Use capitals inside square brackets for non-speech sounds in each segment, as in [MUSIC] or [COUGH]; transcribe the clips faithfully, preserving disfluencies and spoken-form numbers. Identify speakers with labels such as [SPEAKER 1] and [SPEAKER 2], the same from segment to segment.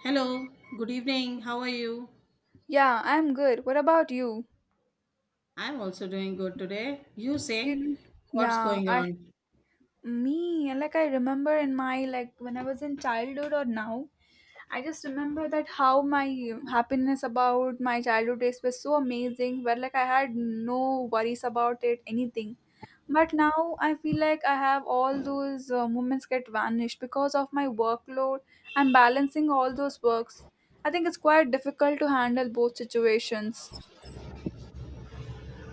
[SPEAKER 1] Hello, good evening. How are you?
[SPEAKER 2] Yeah, I'm good. What about you?
[SPEAKER 1] I'm also doing good today. You say,
[SPEAKER 2] You,
[SPEAKER 1] what's
[SPEAKER 2] yeah,
[SPEAKER 1] going
[SPEAKER 2] I,
[SPEAKER 1] on?
[SPEAKER 2] me, like I remember in my, like when I was in childhood or now, I just remember that how my happiness about my childhood days was so amazing, where like I had no worries about it, anything. But now I feel like I have all those uh, moments get vanished because of my workload and balancing all those works. I think it's quite difficult to handle both situations.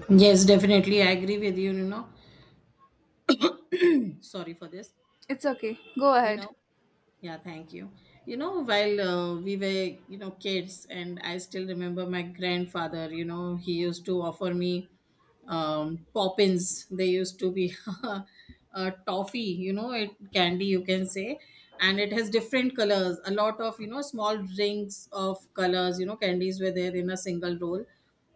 [SPEAKER 1] Yes, definitely. I agree with you, you know. [CLEARS THROAT] Sorry for this.
[SPEAKER 2] It's okay. Go
[SPEAKER 1] You
[SPEAKER 2] ahead.
[SPEAKER 1] know, yeah, thank you. You know, while uh, we were, you know, kids, and I still remember my grandfather, you know, he used to offer me um, poppins. They used to be [LAUGHS] a toffee, you know, it candy, you can say. And it has different colors, a lot of, you know, small rings of colors, you know, candies were there in a single roll.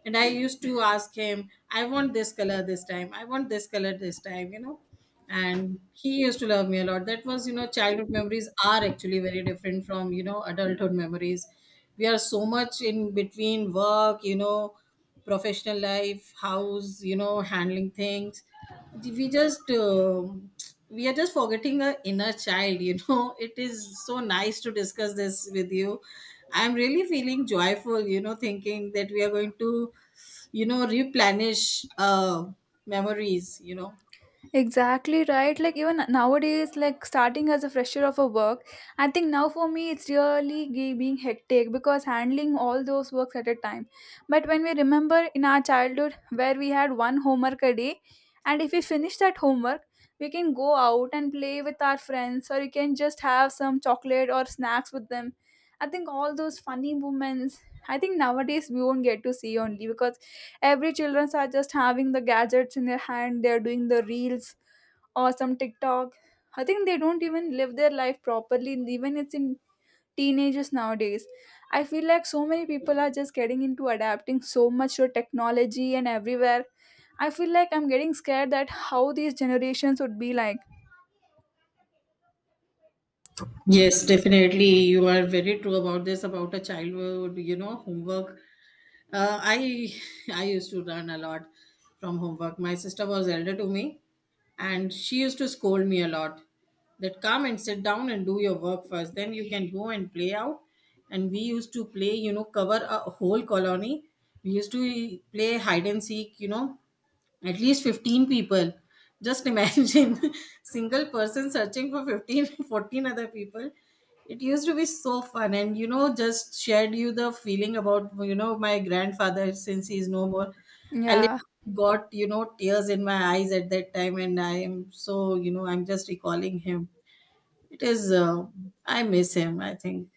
[SPEAKER 1] And I used to ask him, I want this color this time, I want this color this time, you know, and he used to love me a lot. That was, you know, childhood memories are actually very different from, you know, adulthood memories. We are so much in between work, you know, professional life, house, you know, handling things. We just um we are just forgetting the inner child, you know. [LAUGHS] It is so nice to discuss this with you. I'm really feeling joyful, you know, thinking that we are going to, you know, replenish uh memories, you know.
[SPEAKER 2] Exactly right. Like even nowadays, like starting as a fresher of a work, I think now for me it's really ge- being hectic because handling all those works at a time. But when we remember in our childhood where we had one homework a day, and if we finish that homework, we can go out and play with our friends, or you can just have some chocolate or snacks with them. I think all those funny moments. I think nowadays we won't get to see only because every childrens are just having the gadgets in their hand. They're doing the reels or some TikTok. I think they don't even live their life properly, and even it's in teenagers nowadays. I feel like so many people are just getting into adapting so much to technology and everywhere. I feel like I'm getting scared that how these generations would be like.
[SPEAKER 1] Yes, definitely. You are very true about this, about a childhood, you know, homework. Uh, I [LAUGHS] I used to run a lot from homework. My sister was elder to me, and she used to scold me a lot. That come and sit down and do your work first, then you can go and play out. And we used to play, you know, cover a whole colony. We used to play hide and seek, you know, at least fifteen people. Just imagine, [LAUGHS] single person searching for fifteen, [LAUGHS] fourteen other people. It used to be so fun. And, you know, just shared you the feeling about, you know, my grandfather, since he's no more. I
[SPEAKER 2] Yeah,
[SPEAKER 1] literally got, you know, tears in my eyes at that time, and I am so, you know, I'm just recalling him. It is uh, I miss him, I think.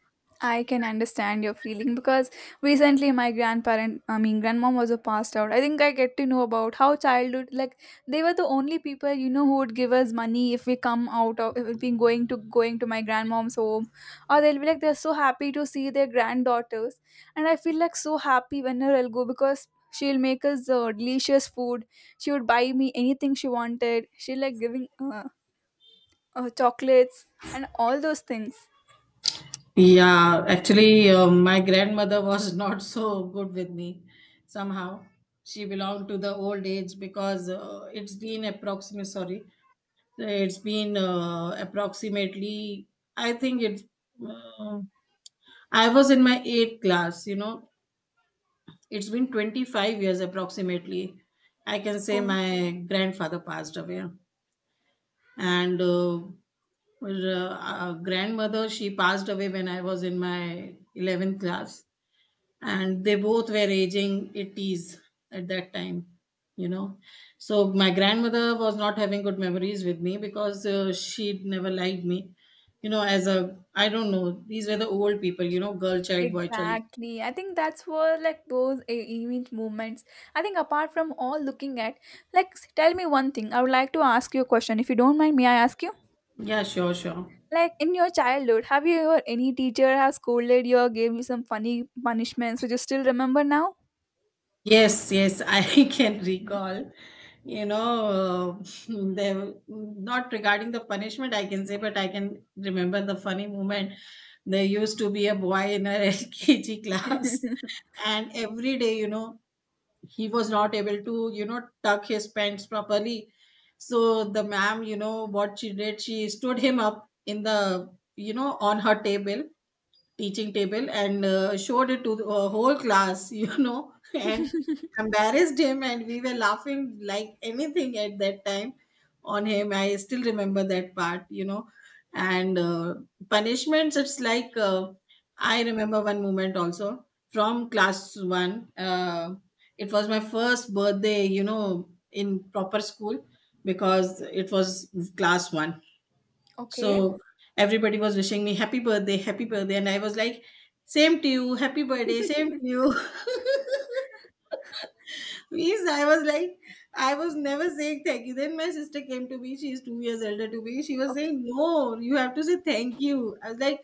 [SPEAKER 2] I can understand your feeling because recently my grandparent, I mean, grandmom also passed out. I think I get to know about how childhood, like they were the only people you know who would give us money if we come out of if we going to going to my grandmom's home, or they'll be like they're so happy to see their granddaughters, and I feel like so happy whenever I'll go because she'll make us uh, delicious food. She would buy me anything she wanted. She like giving uh, uh, chocolates and all those things.
[SPEAKER 1] Yeah, actually, uh, my grandmother was [LAUGHS] not so good with me somehow. She belonged to the old age because uh, it's been approximately, sorry, it's been uh, approximately, I think it's, uh, I was in my eighth class, you know, it's been twenty-five years approximately, I can say,
[SPEAKER 2] Oh.
[SPEAKER 1] my grandfather passed away. And uh, uh, grandmother, she passed away when I was in my eleventh class, and they both were aging eighties at that time, you know. So my grandmother was not having good memories with me because uh, she never liked me, you know. As a, I don't know, these were the old people, you know, girl child, boy child.
[SPEAKER 2] Exactly. I think that's what like those e- event movements. I think apart from all looking at, like, s- tell me one thing. I would like to ask you a question. If you don't mind, may I ask you?
[SPEAKER 1] Yeah, sure, sure.
[SPEAKER 2] Like in your childhood, have you ever any teacher has scolded you or gave you some funny punishments which you still remember now?
[SPEAKER 1] Yes, yes, [LAUGHS] I can
[SPEAKER 2] Mm.
[SPEAKER 1] recall. You know, uh, [LAUGHS] they not regarding the punishment, I can say, but I can remember the funny moment. There used to be a boy in our [LAUGHS] L K G class, and every day, you know, he was not able to, you know, tuck his pants properly. So the ma'am, you know, what she did, she stood him up in the, you know, on her table, teaching table, and uh, showed it to the uh, whole class, [LAUGHS] you know, and embarrassed him. And we were laughing like anything at that time on him. I still remember that part, you know. And uh, punishments, it's like uh, I remember one moment also from class one. Uh, it was my first birthday, you know, in proper school, because it was class one.
[SPEAKER 2] Okay.
[SPEAKER 1] So everybody was wishing me happy birthday, happy birthday. And I was like, same to you, happy birthday, same to you. [LAUGHS]
[SPEAKER 2] [LAUGHS]
[SPEAKER 1] Means I was like, I was never saying thank you. Then my sister came to me, she's two years elder to me. She was
[SPEAKER 2] Okay.
[SPEAKER 1] saying, no, you have to say thank you. I was like,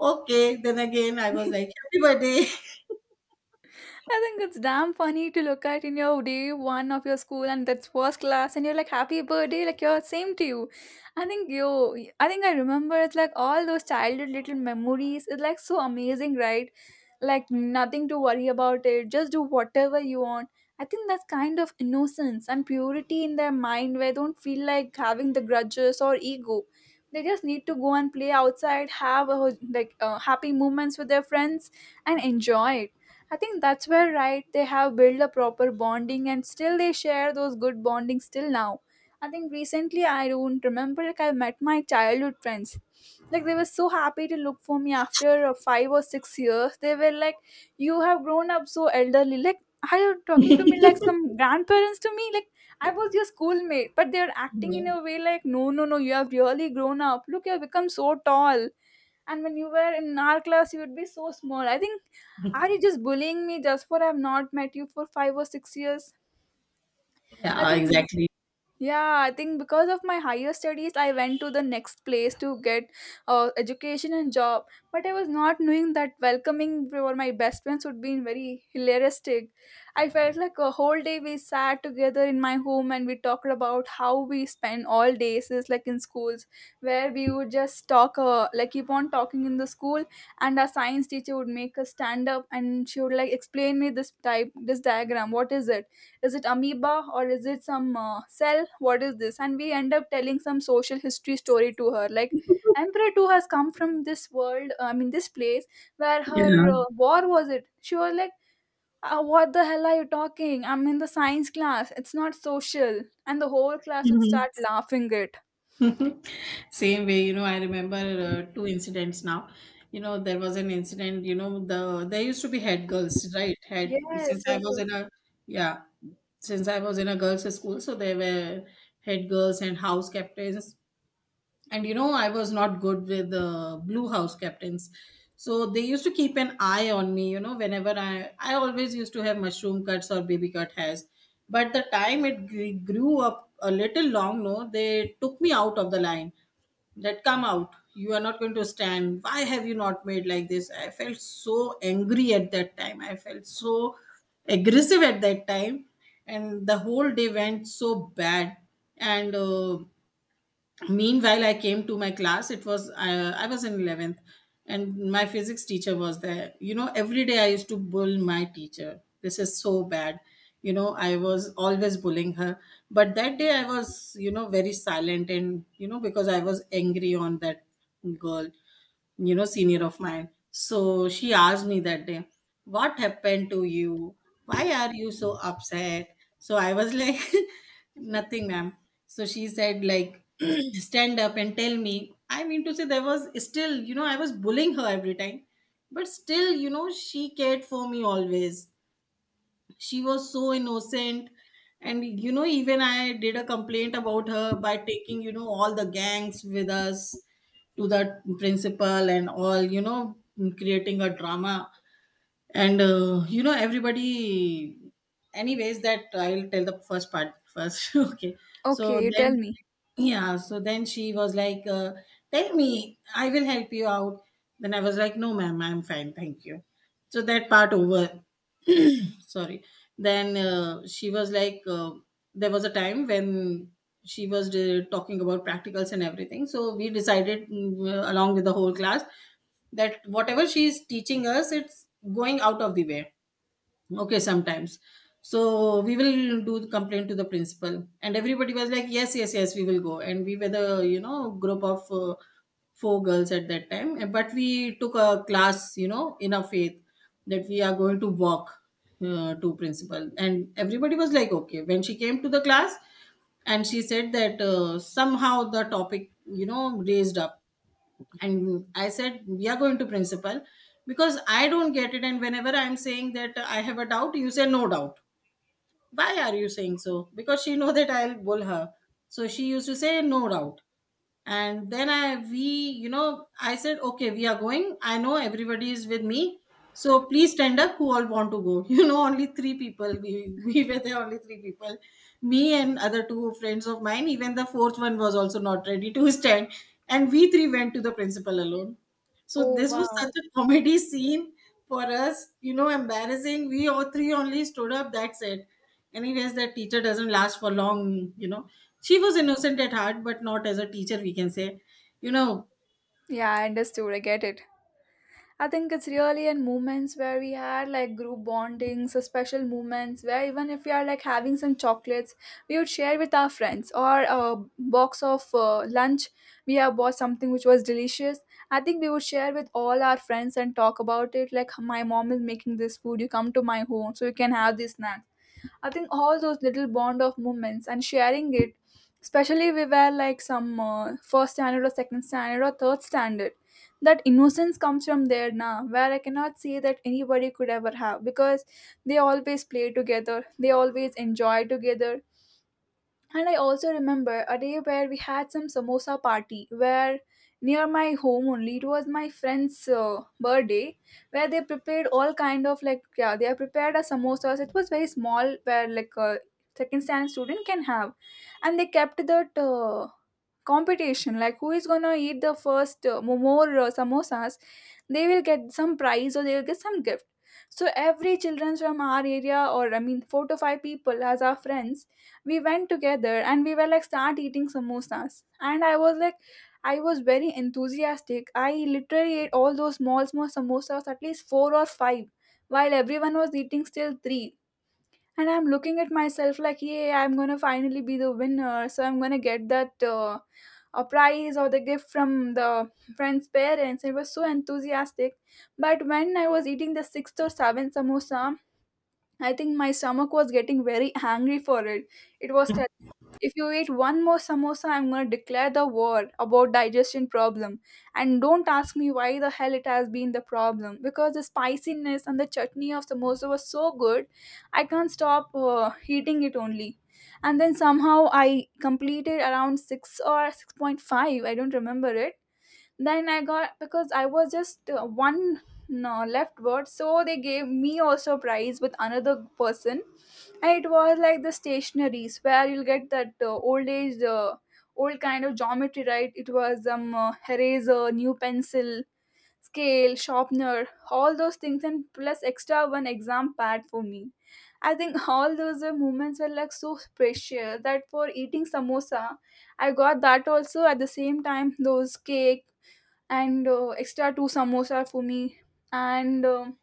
[SPEAKER 1] okay. Then again, I was like,
[SPEAKER 2] [LAUGHS]
[SPEAKER 1] happy birthday.
[SPEAKER 2] I think it's damn funny to look at in your day one of your school and that's first class and you're like happy birthday like you're same to you. I think you I think I remember it's like all those childhood little memories. It's like so amazing, right? Like nothing to worry about, it just do whatever you want. I think that's kind of innocence and purity in their mind where they don't feel like having the grudges or ego. They just need to go and play outside, have a, like uh, happy moments with their friends and enjoy it. I think that's where, right, they have built a proper bonding and still they share those good bondings till now. I think recently I don't remember like I met my childhood friends. Like they were so happy to look for me after uh, five or six years. They were like, you have grown up so elderly. Like, are you talking to me like some grandparents to me? Like, I was your schoolmate, but they're acting in a
[SPEAKER 1] [LAUGHS]
[SPEAKER 2] way like, no, no, no, you have really grown up, look, you have become so tall. And when you were in our class, you would be so small. I think, are you just bullying me just for I have not met you for five or six years? I
[SPEAKER 1] Yeah,
[SPEAKER 2] think,
[SPEAKER 1] exactly.
[SPEAKER 2] yeah, I think because of my higher studies, I went to the next place to get uh, education and job. But I was not knowing that welcoming for my best friends would be very hilarious. I felt like a whole day we sat together in my home and we talked about how we spend all days, is like in schools, where we would just talk, uh, like keep on talking in the school, and our science teacher would make us stand up and she would like explain me this type, this diagram, what is it? Is it amoeba or is it some uh, cell, what is this? And we end up telling some social history story to her, like emperor two has come from this world, I mean this place, where her uh,
[SPEAKER 1] Yeah.
[SPEAKER 2] war was it. She was like, uh, what the hell are you talking? I'm in the science class, it's not social. And the whole class would
[SPEAKER 1] Mhm.
[SPEAKER 2] start laughing it.
[SPEAKER 1] [LAUGHS] Same way, you know, I remember uh, two incidents now. You know, there was an incident, you know, the there used to be head girls, right? Head, since
[SPEAKER 2] Yes,
[SPEAKER 1] I
[SPEAKER 2] yes,
[SPEAKER 1] was
[SPEAKER 2] yes.
[SPEAKER 1] in a, yeah, since I was in a girls' school, so there were head girls and house captains. And, you know, I was not good with the blue house captains, so they used to keep an eye on me, you know. Whenever i i always used to have mushroom cuts or baby cut hairs, but the time it gre- grew up a little long, no, they took me out of the line. That come out, you are not going to stand, why have you not made like this. I felt so angry at that time, I felt so aggressive at that time, and the whole day went so bad. And uh, meanwhile I came to my class, it was uh, I was in eleventh, and my physics teacher was there, you know. Every day I used to bull my teacher, this is so bad, you know, I was always bullying her. But that day I was, you know, very silent, and, you know, because I was angry on that girl, you know, senior of mine. So she asked me that day, what happened to you, why are you so upset. So I was like, [LAUGHS] nothing ma'am. So she said like, [CLEARS THROAT] stand up and tell me. I mean to say, there was still, you know, I was bullying her every time, but still, you know, she cared for me always, she was so innocent. And, you know, even I did a complaint about her by taking, you know, all the gangs with us to the principal and all, you know, creating a drama. And uh, you know, everybody, anyways, that I'll tell the first part first. [LAUGHS] Okay, so
[SPEAKER 2] Okay, you tell
[SPEAKER 1] then,
[SPEAKER 2] me.
[SPEAKER 1] yeah, so then she was like, uh, tell me, I will help you out. Then I was like, no, ma'am, I'm fine, thank you. So that part over. [CLEARS THROAT] Sorry. Then uh, she was like, uh, there was a time when she was uh, talking about practicals and everything. So we decided, mm, uh, along with the whole class, that whatever she is teaching us, it's going out of the way, okay, sometimes. So we will do the complaint to the principal, and everybody was like, yes, yes, yes, we will go. And we were the, you know, group of uh, four girls at that time. And but we took a class, you know, in a faith that we are going to walk uh, to principal, and everybody was like, okay. When she came to the class, and she said that, uh, somehow the topic, you know, raised up, and I said we are going to principal, because I don't get it, and whenever I'm saying that I have a doubt, you say no doubt, why are you saying so, because she know [LAUGHS] that I'll bull her, so she used to say no doubt. And then I we you know, I said okay, we are going, I know everybody is with me. So please stand up, who all want to go. [LAUGHS] You know, only three people, we, [LAUGHS] we were there only three people, me and other two friends of mine. Even the fourth one was also not ready to [LAUGHS] stand, and we three went to the principal alone. So
[SPEAKER 2] Oh,
[SPEAKER 1] this was such
[SPEAKER 2] wow.
[SPEAKER 1] a comedy scene for us, you know, embarrassing. We all three only stood up, that's it. Anyways, that teacher doesn't last for long, you know. She was innocent at heart, but not as a teacher, we can say. You know,
[SPEAKER 2] Yeah, I understood, I get it. I think it's really in moments where we had like group bondings, or special moments where even if we are like having some chocolates, we would share with our friends or a box of uh, lunch. We have bought something which was delicious. I think we would share with all our friends and talk about it. Like, my mom is making this food, you come to my home so you can have this snack. I think all those little bond of moments and sharing it, especially we were like some uh, first standard or second standard or third standard. That innocence comes from there now, where I cannot say that anybody could ever have because they always play together, they always enjoy together, and I also remember a day where we had some samosa party where near my home only it was my friend's uh, birthday where they prepared all kind of like, yeah, they have prepared a samosas, it was very small where like a second standard student can have. And they kept that uh, competition like who is gonna eat the first uh, mo- more uh, samosas, they will get some prize or they'll get some gift. So every children from our area, or I mean four to five people as our friends, we went together and we were like start eating samosas, and I was like, I was very enthusiastic, I literally ate all those small small samosas at least four or five, while everyone was eating still three. And I'm looking at myself like, yay, I'm gonna finally be the winner. So I'm gonna get that uh, a prize or the gift from the friend's parents. I was so enthusiastic. But when I was eating the sixth or seventh samosa, I think my stomach was getting very hungry for it. It was,
[SPEAKER 1] [LAUGHS]
[SPEAKER 2] if you eat one more samosa, I'm going to declare the war about digestion problem. And don't ask me why the hell it has been the problem because the spiciness and the chutney of samosa was so good, I can't stop uh, eating it only. And then somehow I completed around six or six point five, I don't remember it. Then I got, because I was just uh, one, no, left word, so they gave me also a prize with another person. And it was like the stationaries where you'll get that uh, old age uh, old kind of geometry, right? It was um uh, eraser, new pencil, scale, sharpener, all those things and plus extra one exam pad for me. I think [LAUGHS] all those uh, moments were like so precious that for eating samosa I got that also, at the same time those cake and uh, extra two samosa for me, and um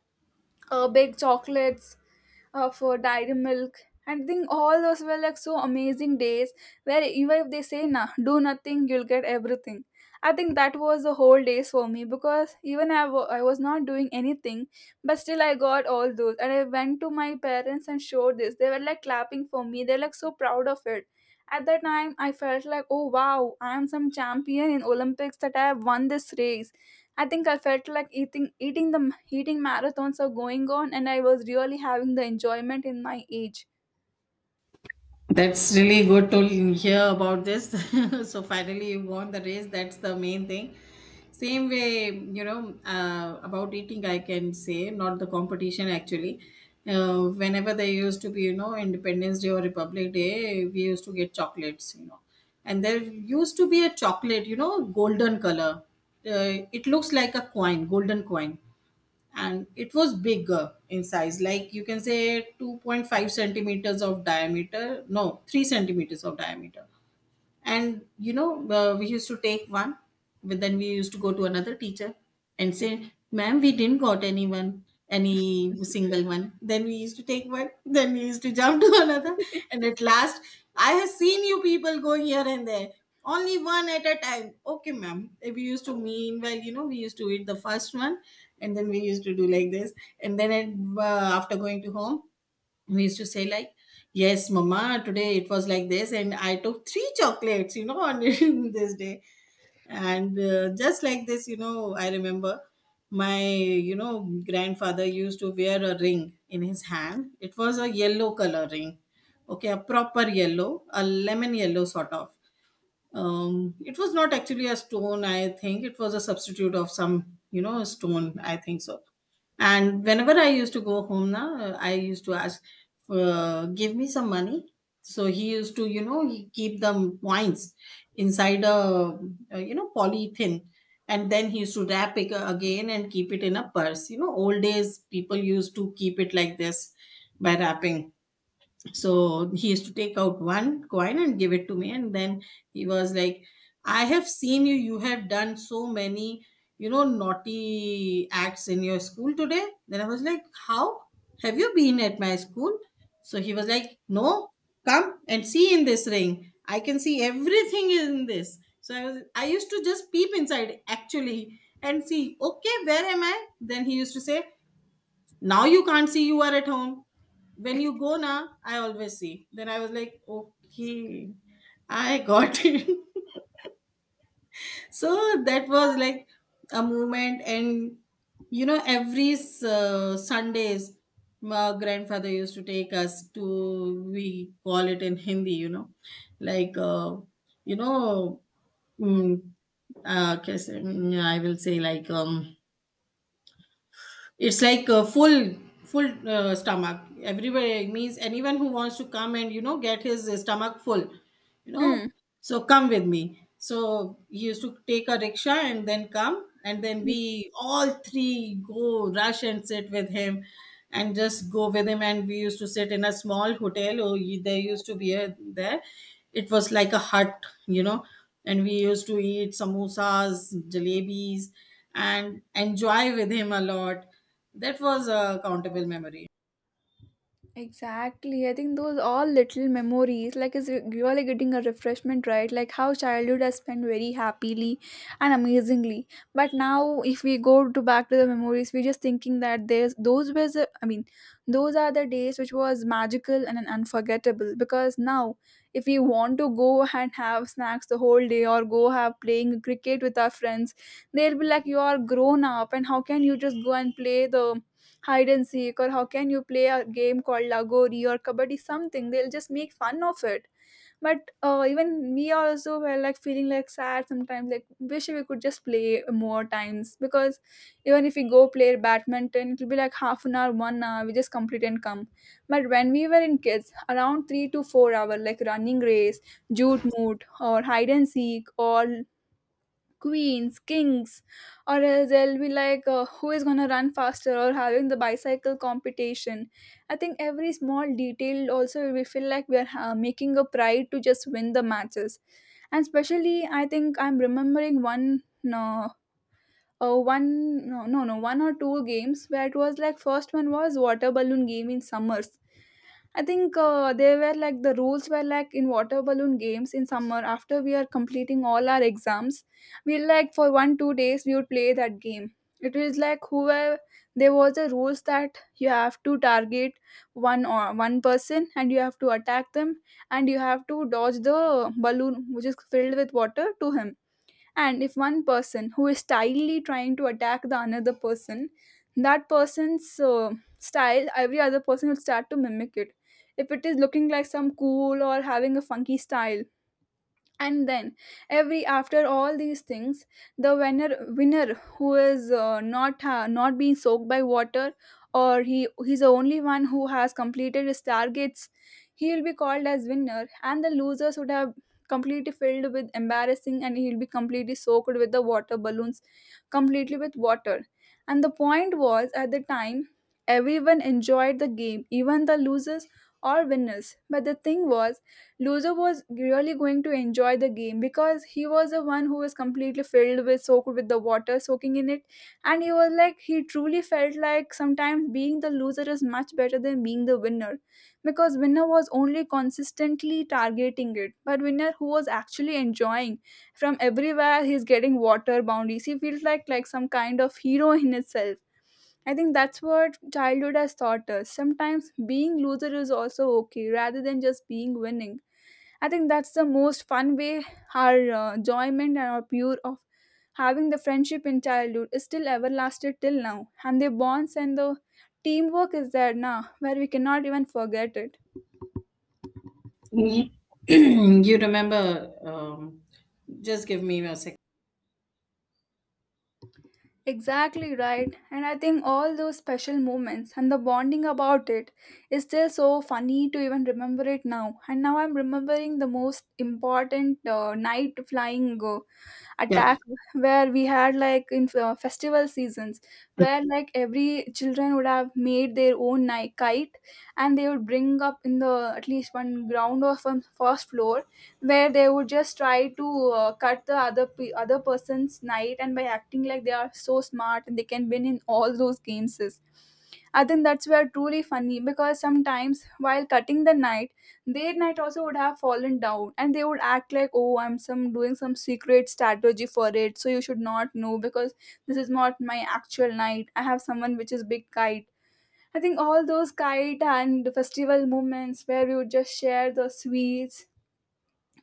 [SPEAKER 2] uh, baked chocolates uh, for dairy milk. And think all those were like so amazing days where even if they say nah, do nothing, you'll get everything. I think that was the whole days for me because even I wa- I was not doing anything, but still I got all those and I went to my parents and showed this. They were like clapping for me, they're like so proud of it. At that time I felt like, oh wow, I am some champion in Olympics that I have won this race. I think I felt like eating, eating the eating marathons are going on and I was really having the enjoyment in my age.
[SPEAKER 1] that's really good to hear about this. [LAUGHS] So finally, you won the race. That's the main thing. Same way, you know, uh, about eating, I can say not the competition actually. Uh, whenever there used to be, you know, Independence Day or Republic Day, we used to get chocolates, you know, and there used to be a chocolate, you know, golden color. Uh, it looks like a coin, golden coin, and it was bigger in size, like you can say two point five centimeters of diameter, no, three centimeters of diameter. And you know, uh, we used to take one, but then we used to go to another teacher and say, "Ma'am, we didn't got anyone, any single one." Then we used to take one, then we used to jump [LAUGHS] to another. And at last, "I have seen you people going here and there, only one at a time, okay ma'am." And we used to, meanwhile, you know, we used to eat the first one and then we used to do like this. And then it, uh, after going to home, we used to say like, "Yes mama, today it was like this and I took three chocolates, you know, on [LAUGHS] this day." And uh, just like this, you know, I remember my, you know, grandfather used to wear a ring in his hand. It was a yellow color ring, okay, a proper yellow, a lemon yellow sort of. Um it was not actually a stone, I think it was a substitute of some, you know, stone, I think so. And whenever I used to go home na, I used to ask, uh, "Give me some money." So he used to, you know, he keep the coins inside a, a, you know, polythene, and then he used to wrap it again and keep it in a purse. You know, old days people used to keep it like this, by wrapping. So he used to take out one coin and give it to me, and then he was like, "I have seen you you have done so many, you know, naughty acts in your school today." Then I was like, "How, have you been at my school?" So he was like, "No, come and see, in this ring I can see everything in this." So i was I used to just peep inside actually and see, okay, where am I. Then he used to say, "Now you can't see, you are at home. When you go now, I always see." Then I was like, "Okay, I got [LAUGHS] it." So that was like a moment. And you know, every uh, Sundays, my grandfather used to take us to, we call it in Hindi, you know, like, uh, you know, mm, uh, कैसे- I will say like, um, it's like a full full uh, stomach, everybody means anyone who wants to come and, you know, get his uh, stomach full, you know.
[SPEAKER 2] Hmm.
[SPEAKER 1] So come with me. So he used to take a rickshaw and then come, and then
[SPEAKER 2] Hmm.
[SPEAKER 1] we all three go rush and sit with him, and just go with him. And we used to sit in a small hotel, or y- there used to be a there, it was like a hut, you know. And we used to eat samosas, jalebis, and enjoy with him a lot. That was a countable memory.
[SPEAKER 2] Exactly. I think those all little memories, like is really getting a refreshment, right? Like how childhood has spent very happily and amazingly. But now if we go to back to the memories, we're just thinking that there's those was a- I mean, those are the days which was magical and unforgettable. Because now, if we want to go and have snacks the whole day or go have playing cricket with our friends, they'll be like, you are grown up, and how can you just go and play the hide and seek? Or how can you play a game called lagori or kabaddi something? They'll just make fun of it. But uh, even me also were like feeling like sad sometimes, like wish we could just play more times. Because even if we go play badminton, it'll be like half an hour, one hour we just complete and come. But when we were in kids, around three to four hour like running race, jute moot, or hide and seek, or queens, kings, or else they'll be like, uh, who is gonna run faster, or having the bicycle competition. I think every small detail also we feel like we are uh, making a pride to just win the matches. And especially, I think I'm remembering one. No, uh, one, no, no, no, one or two games where it was like first one was water balloon game in summers. I think uh, they were like the rules were like in water balloon games in summer. After we are completing all our exams, we like for one two days we would play that game. It was like whoever, there was a rules that you have to target one or one person and you have to attack them, and you have to dodge the balloon which is filled with water to him. And if one person who is stylely trying to attack the another person, that person's uh, style every other person will start to mimic it, if it is looking like some cool or having a funky style. And then every after all these things, the winner winner who is uh, not ha- not being soaked by water, or he he's the only one who has completed his targets, he'll be called as winner. And the losers would have completely filled with embarrassing, and he'll be completely soaked with the water balloons, completely with water. And the point was, at the time everyone enjoyed the game, even the losers or winners. But the thing was, loser was really going to enjoy the game because he was the one who was completely filled with soaked with the water, soaking in it. And he was like, he truly felt like sometimes being the loser is much better than being the winner, because winner was only consistently targeting it, but winner who was actually enjoying, from everywhere he's getting water bounties, he feels like like some kind of hero in itself. I think that's what childhood has taught us. Sometimes being loser is also okay rather than just being winning. I think that's the most fun way, our uh, enjoyment and our pure of having the friendship in childhood is still everlasted till now. And the bonds and the teamwork is there now where we cannot even forget it.
[SPEAKER 1] Ye- [CLEARS THROAT] you remember, um, just give me a second.
[SPEAKER 2] Exactly right. And I think all those special moments and the bonding about it is still so funny to even remember it now. And now I'm remembering the most important uh, night flying uh,
[SPEAKER 1] Yeah.
[SPEAKER 2] attack where we had like in uh, festival seasons, where like every children would have made their own ni- kite, and they would bring up in the at least one ground or from first floor where they would just try to uh, cut the other pe- other person's night, and by acting like they are so smart and they can win in all those games is. I think that's where truly funny, because sometimes while cutting the night, their knight also would have fallen down, and they would act like, oh, I'm some doing some secret strategy for it, so you should not know because this is not my actual knight. I have someone which is big kite. I think all those kite and festival moments where we would just share the sweets,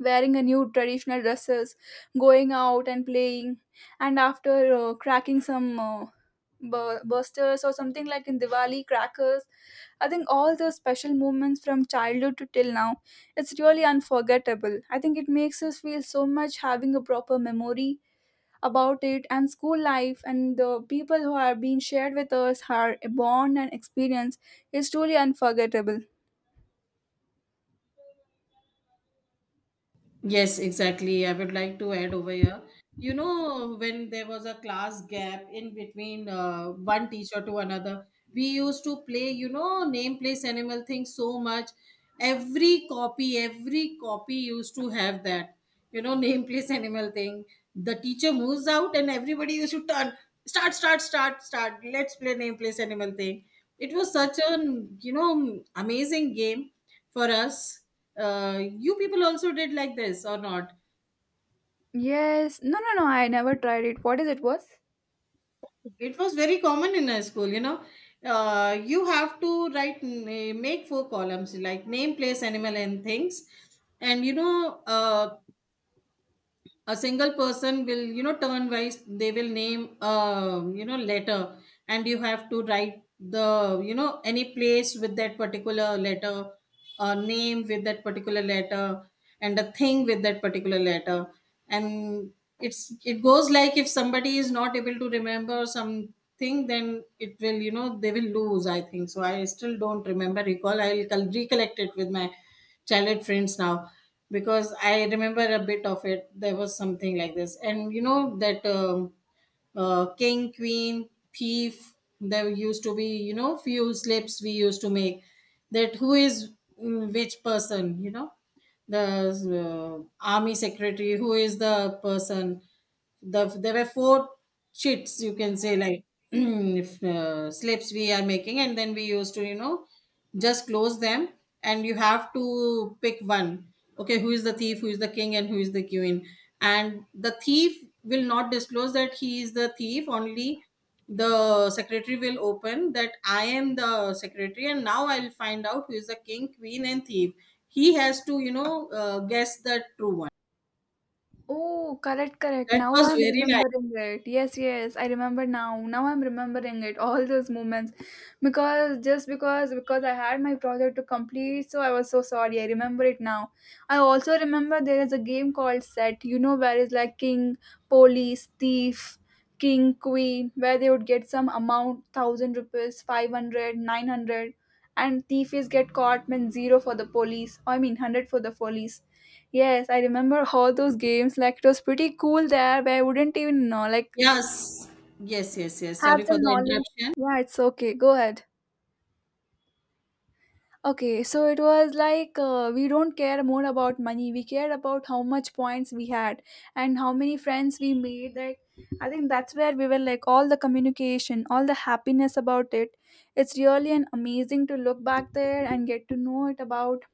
[SPEAKER 2] wearing a new traditional dresses, going out and playing, and after uh, cracking some uh, bur- bursters or something like in Diwali crackers. I think all those special moments from childhood to till now, it's really unforgettable. I think it makes us feel so much, having a proper memory about it, and school life and the people who are being shared with us, our bond and experience is truly unforgettable.
[SPEAKER 1] Yes, exactly. I would like to add over here, you know, when there was a class gap in between, uh, one teacher to another, we used to play, you know, name, place, animal thing so much. Every copy every copy used to have that, you know, [LAUGHS] name, place, animal thing. The teacher moves out, and everybody used to turn, start, start, start, start, let's play name, place, animal thing. It was such an, you know, amazing game for us. Uh, you people also did like this or not?
[SPEAKER 2] Yes, no, no, no, I never tried it. What is it was?
[SPEAKER 1] It was very common in our school, you know. Uh, you have to write, n- make four columns like name, place, animal, and things. And you know, uh, a single person will, you know, turn wise, they will name a, you know, letter, and you have to write the, you know, any place with that particular letter, a name with that particular letter, and a thing with that particular letter. And it's it goes like, if somebody is not able to remember something, then it will, you know, they will lose, I think so. I still don't remember, recall, i'll col- recollect it with my childhood friends now. Because I remember a bit of it. There was something like this, and you know that, um, uh, king, queen, thief. There used to be, you know, few slips we used to make, that who is, mm, which person, you know, the uh, army secretary, who is the person. The there were four sheets, you can say, like [CLEARS THROAT] if uh, slips we are making, and then we used to, you know, just close them, and you have to pick one. Okay, who is the thief, who is the king, and who is the queen. And the thief will not disclose that he is the thief, only the secretary will open that, "I am the secretary and now I'll find out who is the king, queen, and thief." He has to, you know, uh, guess the true one.
[SPEAKER 2] Oh, correct, correct.
[SPEAKER 1] That
[SPEAKER 2] Now
[SPEAKER 1] was
[SPEAKER 2] I'm
[SPEAKER 1] very nice.
[SPEAKER 2] remembering it. Yes, yes, I remember now. Now I'm remembering it. All those moments, because just because because I had my project to complete, so I was so sorry. I remember it now. I also remember there is a game called Set. You know, where is like king, police, thief, king, queen, where they would get some amount, thousand rupees, five hundred, nine hundred, and thief is get caught means zero for the police. I mean hundred for the police. Yes, I remember all those games. Like it was pretty cool there, but I wouldn't even know, like
[SPEAKER 1] Yes, yes, yes, yes, sorry
[SPEAKER 2] have the
[SPEAKER 1] for the
[SPEAKER 2] knowledge.
[SPEAKER 1] interruption.
[SPEAKER 2] Yeah, it's okay. Go ahead. Okay, so it was like uh, we don't care more about money. We care about how much points we had and how many friends we made. Like, I think that's where we were like all the communication, all the happiness about it. It's really an amazing to look back there and get to know it, about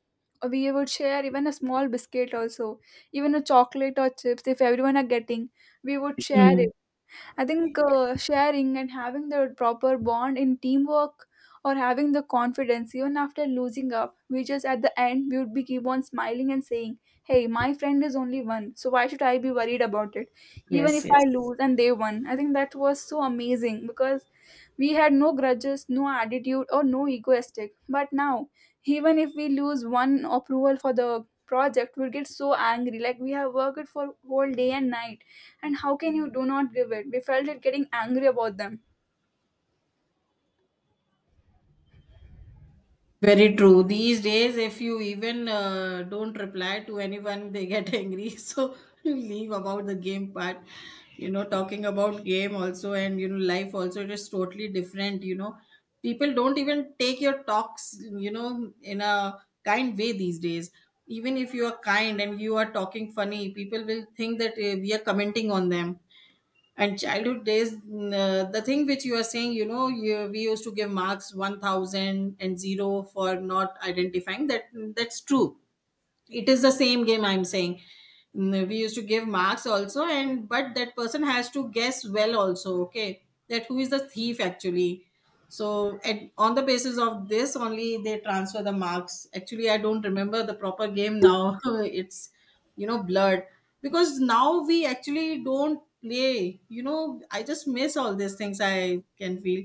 [SPEAKER 2] we would share even a small biscuit also, even a chocolate or chips, if everyone are getting we would share it.
[SPEAKER 1] Mm.
[SPEAKER 2] I think uh, sharing and having the proper bond in teamwork, or having the confidence, even after losing up, we just at the end we would be keep on smiling and saying, hey, my friend is only one, so why should I be worried about it? Even
[SPEAKER 1] Yes,
[SPEAKER 2] if I
[SPEAKER 1] yes.
[SPEAKER 2] lose and they won. I think that was so amazing, because we had no grudges, no attitude, or no egoistic. But now, even if we lose one approval for the project, we'll get so angry. Like, we have worked for whole day and night. And how can you do not give it? We felt it getting angry about them.
[SPEAKER 1] Very true. These days, if you even uh, don't reply to anyone, they get [LAUGHS] angry. So leave about the game part. You know, talking about game also and, you know, life also, it is totally different. You know, people don't even take your talks, you know, in a kind way these days. Even if you are kind and you are talking funny, people will think that uh, we are commenting on them. And childhood days, mm, uh, the thing which you are saying, you know, you, we used to give marks one thousand and zero for not identifying that. Mm, that's true, it is the same game I'm saying. Mm, we used to give marks also, and but that person has to guess well also, okay, that who is the thief actually. So, and on the basis of this only, they transfer the marks actually. I don't remember the proper game now [LAUGHS] it's, you know, blood. Because now we actually don't play, you know, I just miss all these things, I can feel.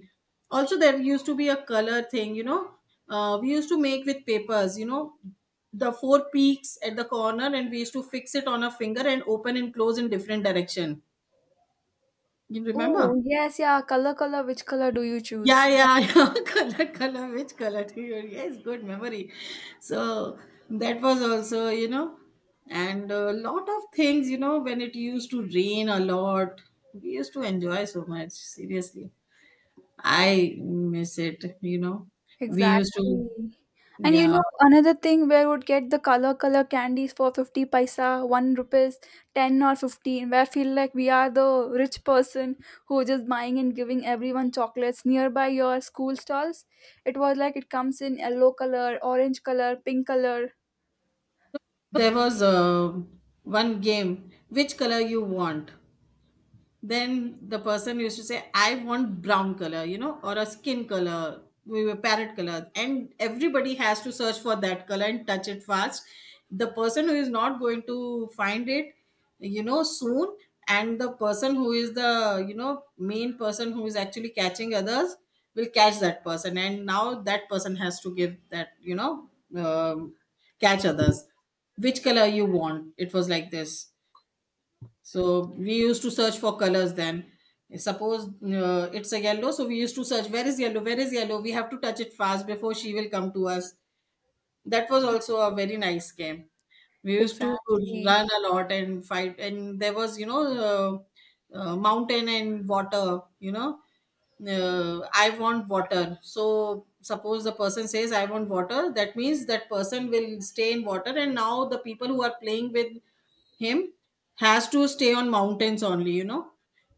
[SPEAKER 1] Also there used to be a color thing, you know, uh, we used to make with papers, you know, the four peaks at the corner, and we used to fix it on a finger and open and close in different direction. You remember?
[SPEAKER 2] Oh, yes, yeah, color, color, which color do you
[SPEAKER 1] Yeah,
[SPEAKER 2] choose?
[SPEAKER 1] yeah, [LAUGHS] yeah. Color, color, which color do you? Yes, good memory. So that was also, you know, and a lot of things, you know, when it used to rain a lot, we used to enjoy so much. Seriously, I miss it, you know. We used to,
[SPEAKER 2] Exactly. And you
[SPEAKER 1] yeah.
[SPEAKER 2] know, another thing where would get the color color candies for fifty paisa, one rupees, ten or fifteen, where I feel like we are the rich person, who just buying and giving everyone chocolates nearby your school stalls. It was like it comes in yellow color, orange color, pink color.
[SPEAKER 1] There was uh, one game, "Which color you want?" Then the person used to say, "I want brown color," you know, or a skin color, we were parrot color. And everybody has to search for that color and touch it fast. The person who is not going to find it, you know, soon, and the person who is the, you know, main person who is actually catching others will catch that person. And now that person has to give that, you know, um, catch others. "Which color
[SPEAKER 2] Ex-
[SPEAKER 1] you want?" It was like this. So we used to search for colors then. Suppose uh, it's a yellow, so we used to search, where is yellow, where is yellow. We have to touch it fast before she will come to us. That was also a very nice game. We used to
[SPEAKER 2] Exactly.
[SPEAKER 1] run a lot and fight, and there was, you know, uh, uh, mountain and water. You know, uh, "I want water." So suppose the person says, "I want water," that means that person will stay in water. And now the people who are playing with him has to stay on mountains only, you know.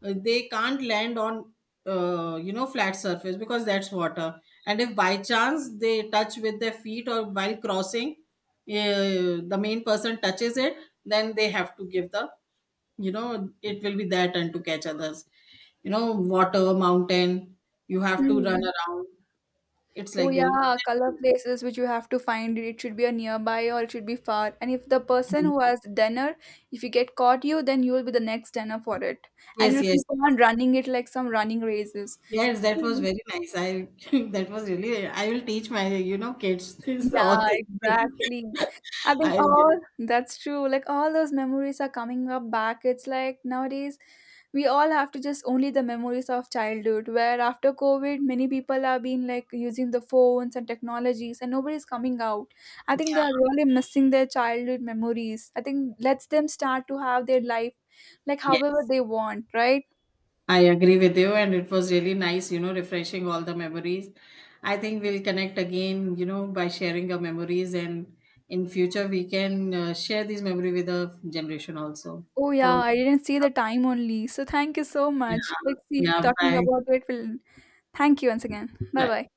[SPEAKER 1] Uh, they can't land on, uh, you know, flat surface, because that's water. And if by chance they touch with their feet, or while crossing, uh, the main person touches it, then they have to give the, you know, it will be their turn to catch others, you know. Water, mountain, you have to run around, it's
[SPEAKER 2] Oh
[SPEAKER 1] like this.
[SPEAKER 2] yeah, color places which you have to find. It should be a nearby or it should be far. And if the person who has dinner, if you get caught you, then you will be the next dinner for it. And
[SPEAKER 1] Yes,
[SPEAKER 2] you'll
[SPEAKER 1] yes,
[SPEAKER 2] keep
[SPEAKER 1] yes.
[SPEAKER 2] on running it like some running races.
[SPEAKER 1] Yes, that was very nice. I [LAUGHS] that was really, I will teach my, you know, kids this all
[SPEAKER 2] Yeah,
[SPEAKER 1] these [LAUGHS]
[SPEAKER 2] exactly. I think
[SPEAKER 1] I
[SPEAKER 2] all that's true. Like all those memories are coming up back. It's like nowadays we all have to just only the memories of childhood. Where after COVID, many people are being like using the phones and technologies, and nobody's coming out. I think they
[SPEAKER 1] Yeah,
[SPEAKER 2] are really missing their childhood memories. I think lets them start to have their life like however
[SPEAKER 1] yes.
[SPEAKER 2] they want, right?
[SPEAKER 1] I agree with you, and it was really nice, you know, refreshing all the memories. I think we'll connect again, you know, by sharing our memories, and in future we can uh, share this memory with the generation also.
[SPEAKER 2] Oh yeah,
[SPEAKER 1] So
[SPEAKER 2] I didn't see the time only. So thank you so much.
[SPEAKER 1] yeah,
[SPEAKER 2] Let's see,
[SPEAKER 1] yeah,
[SPEAKER 2] talking
[SPEAKER 1] bye.
[SPEAKER 2] about it will thank you once again. Bye
[SPEAKER 1] Bye.
[SPEAKER 2] bye.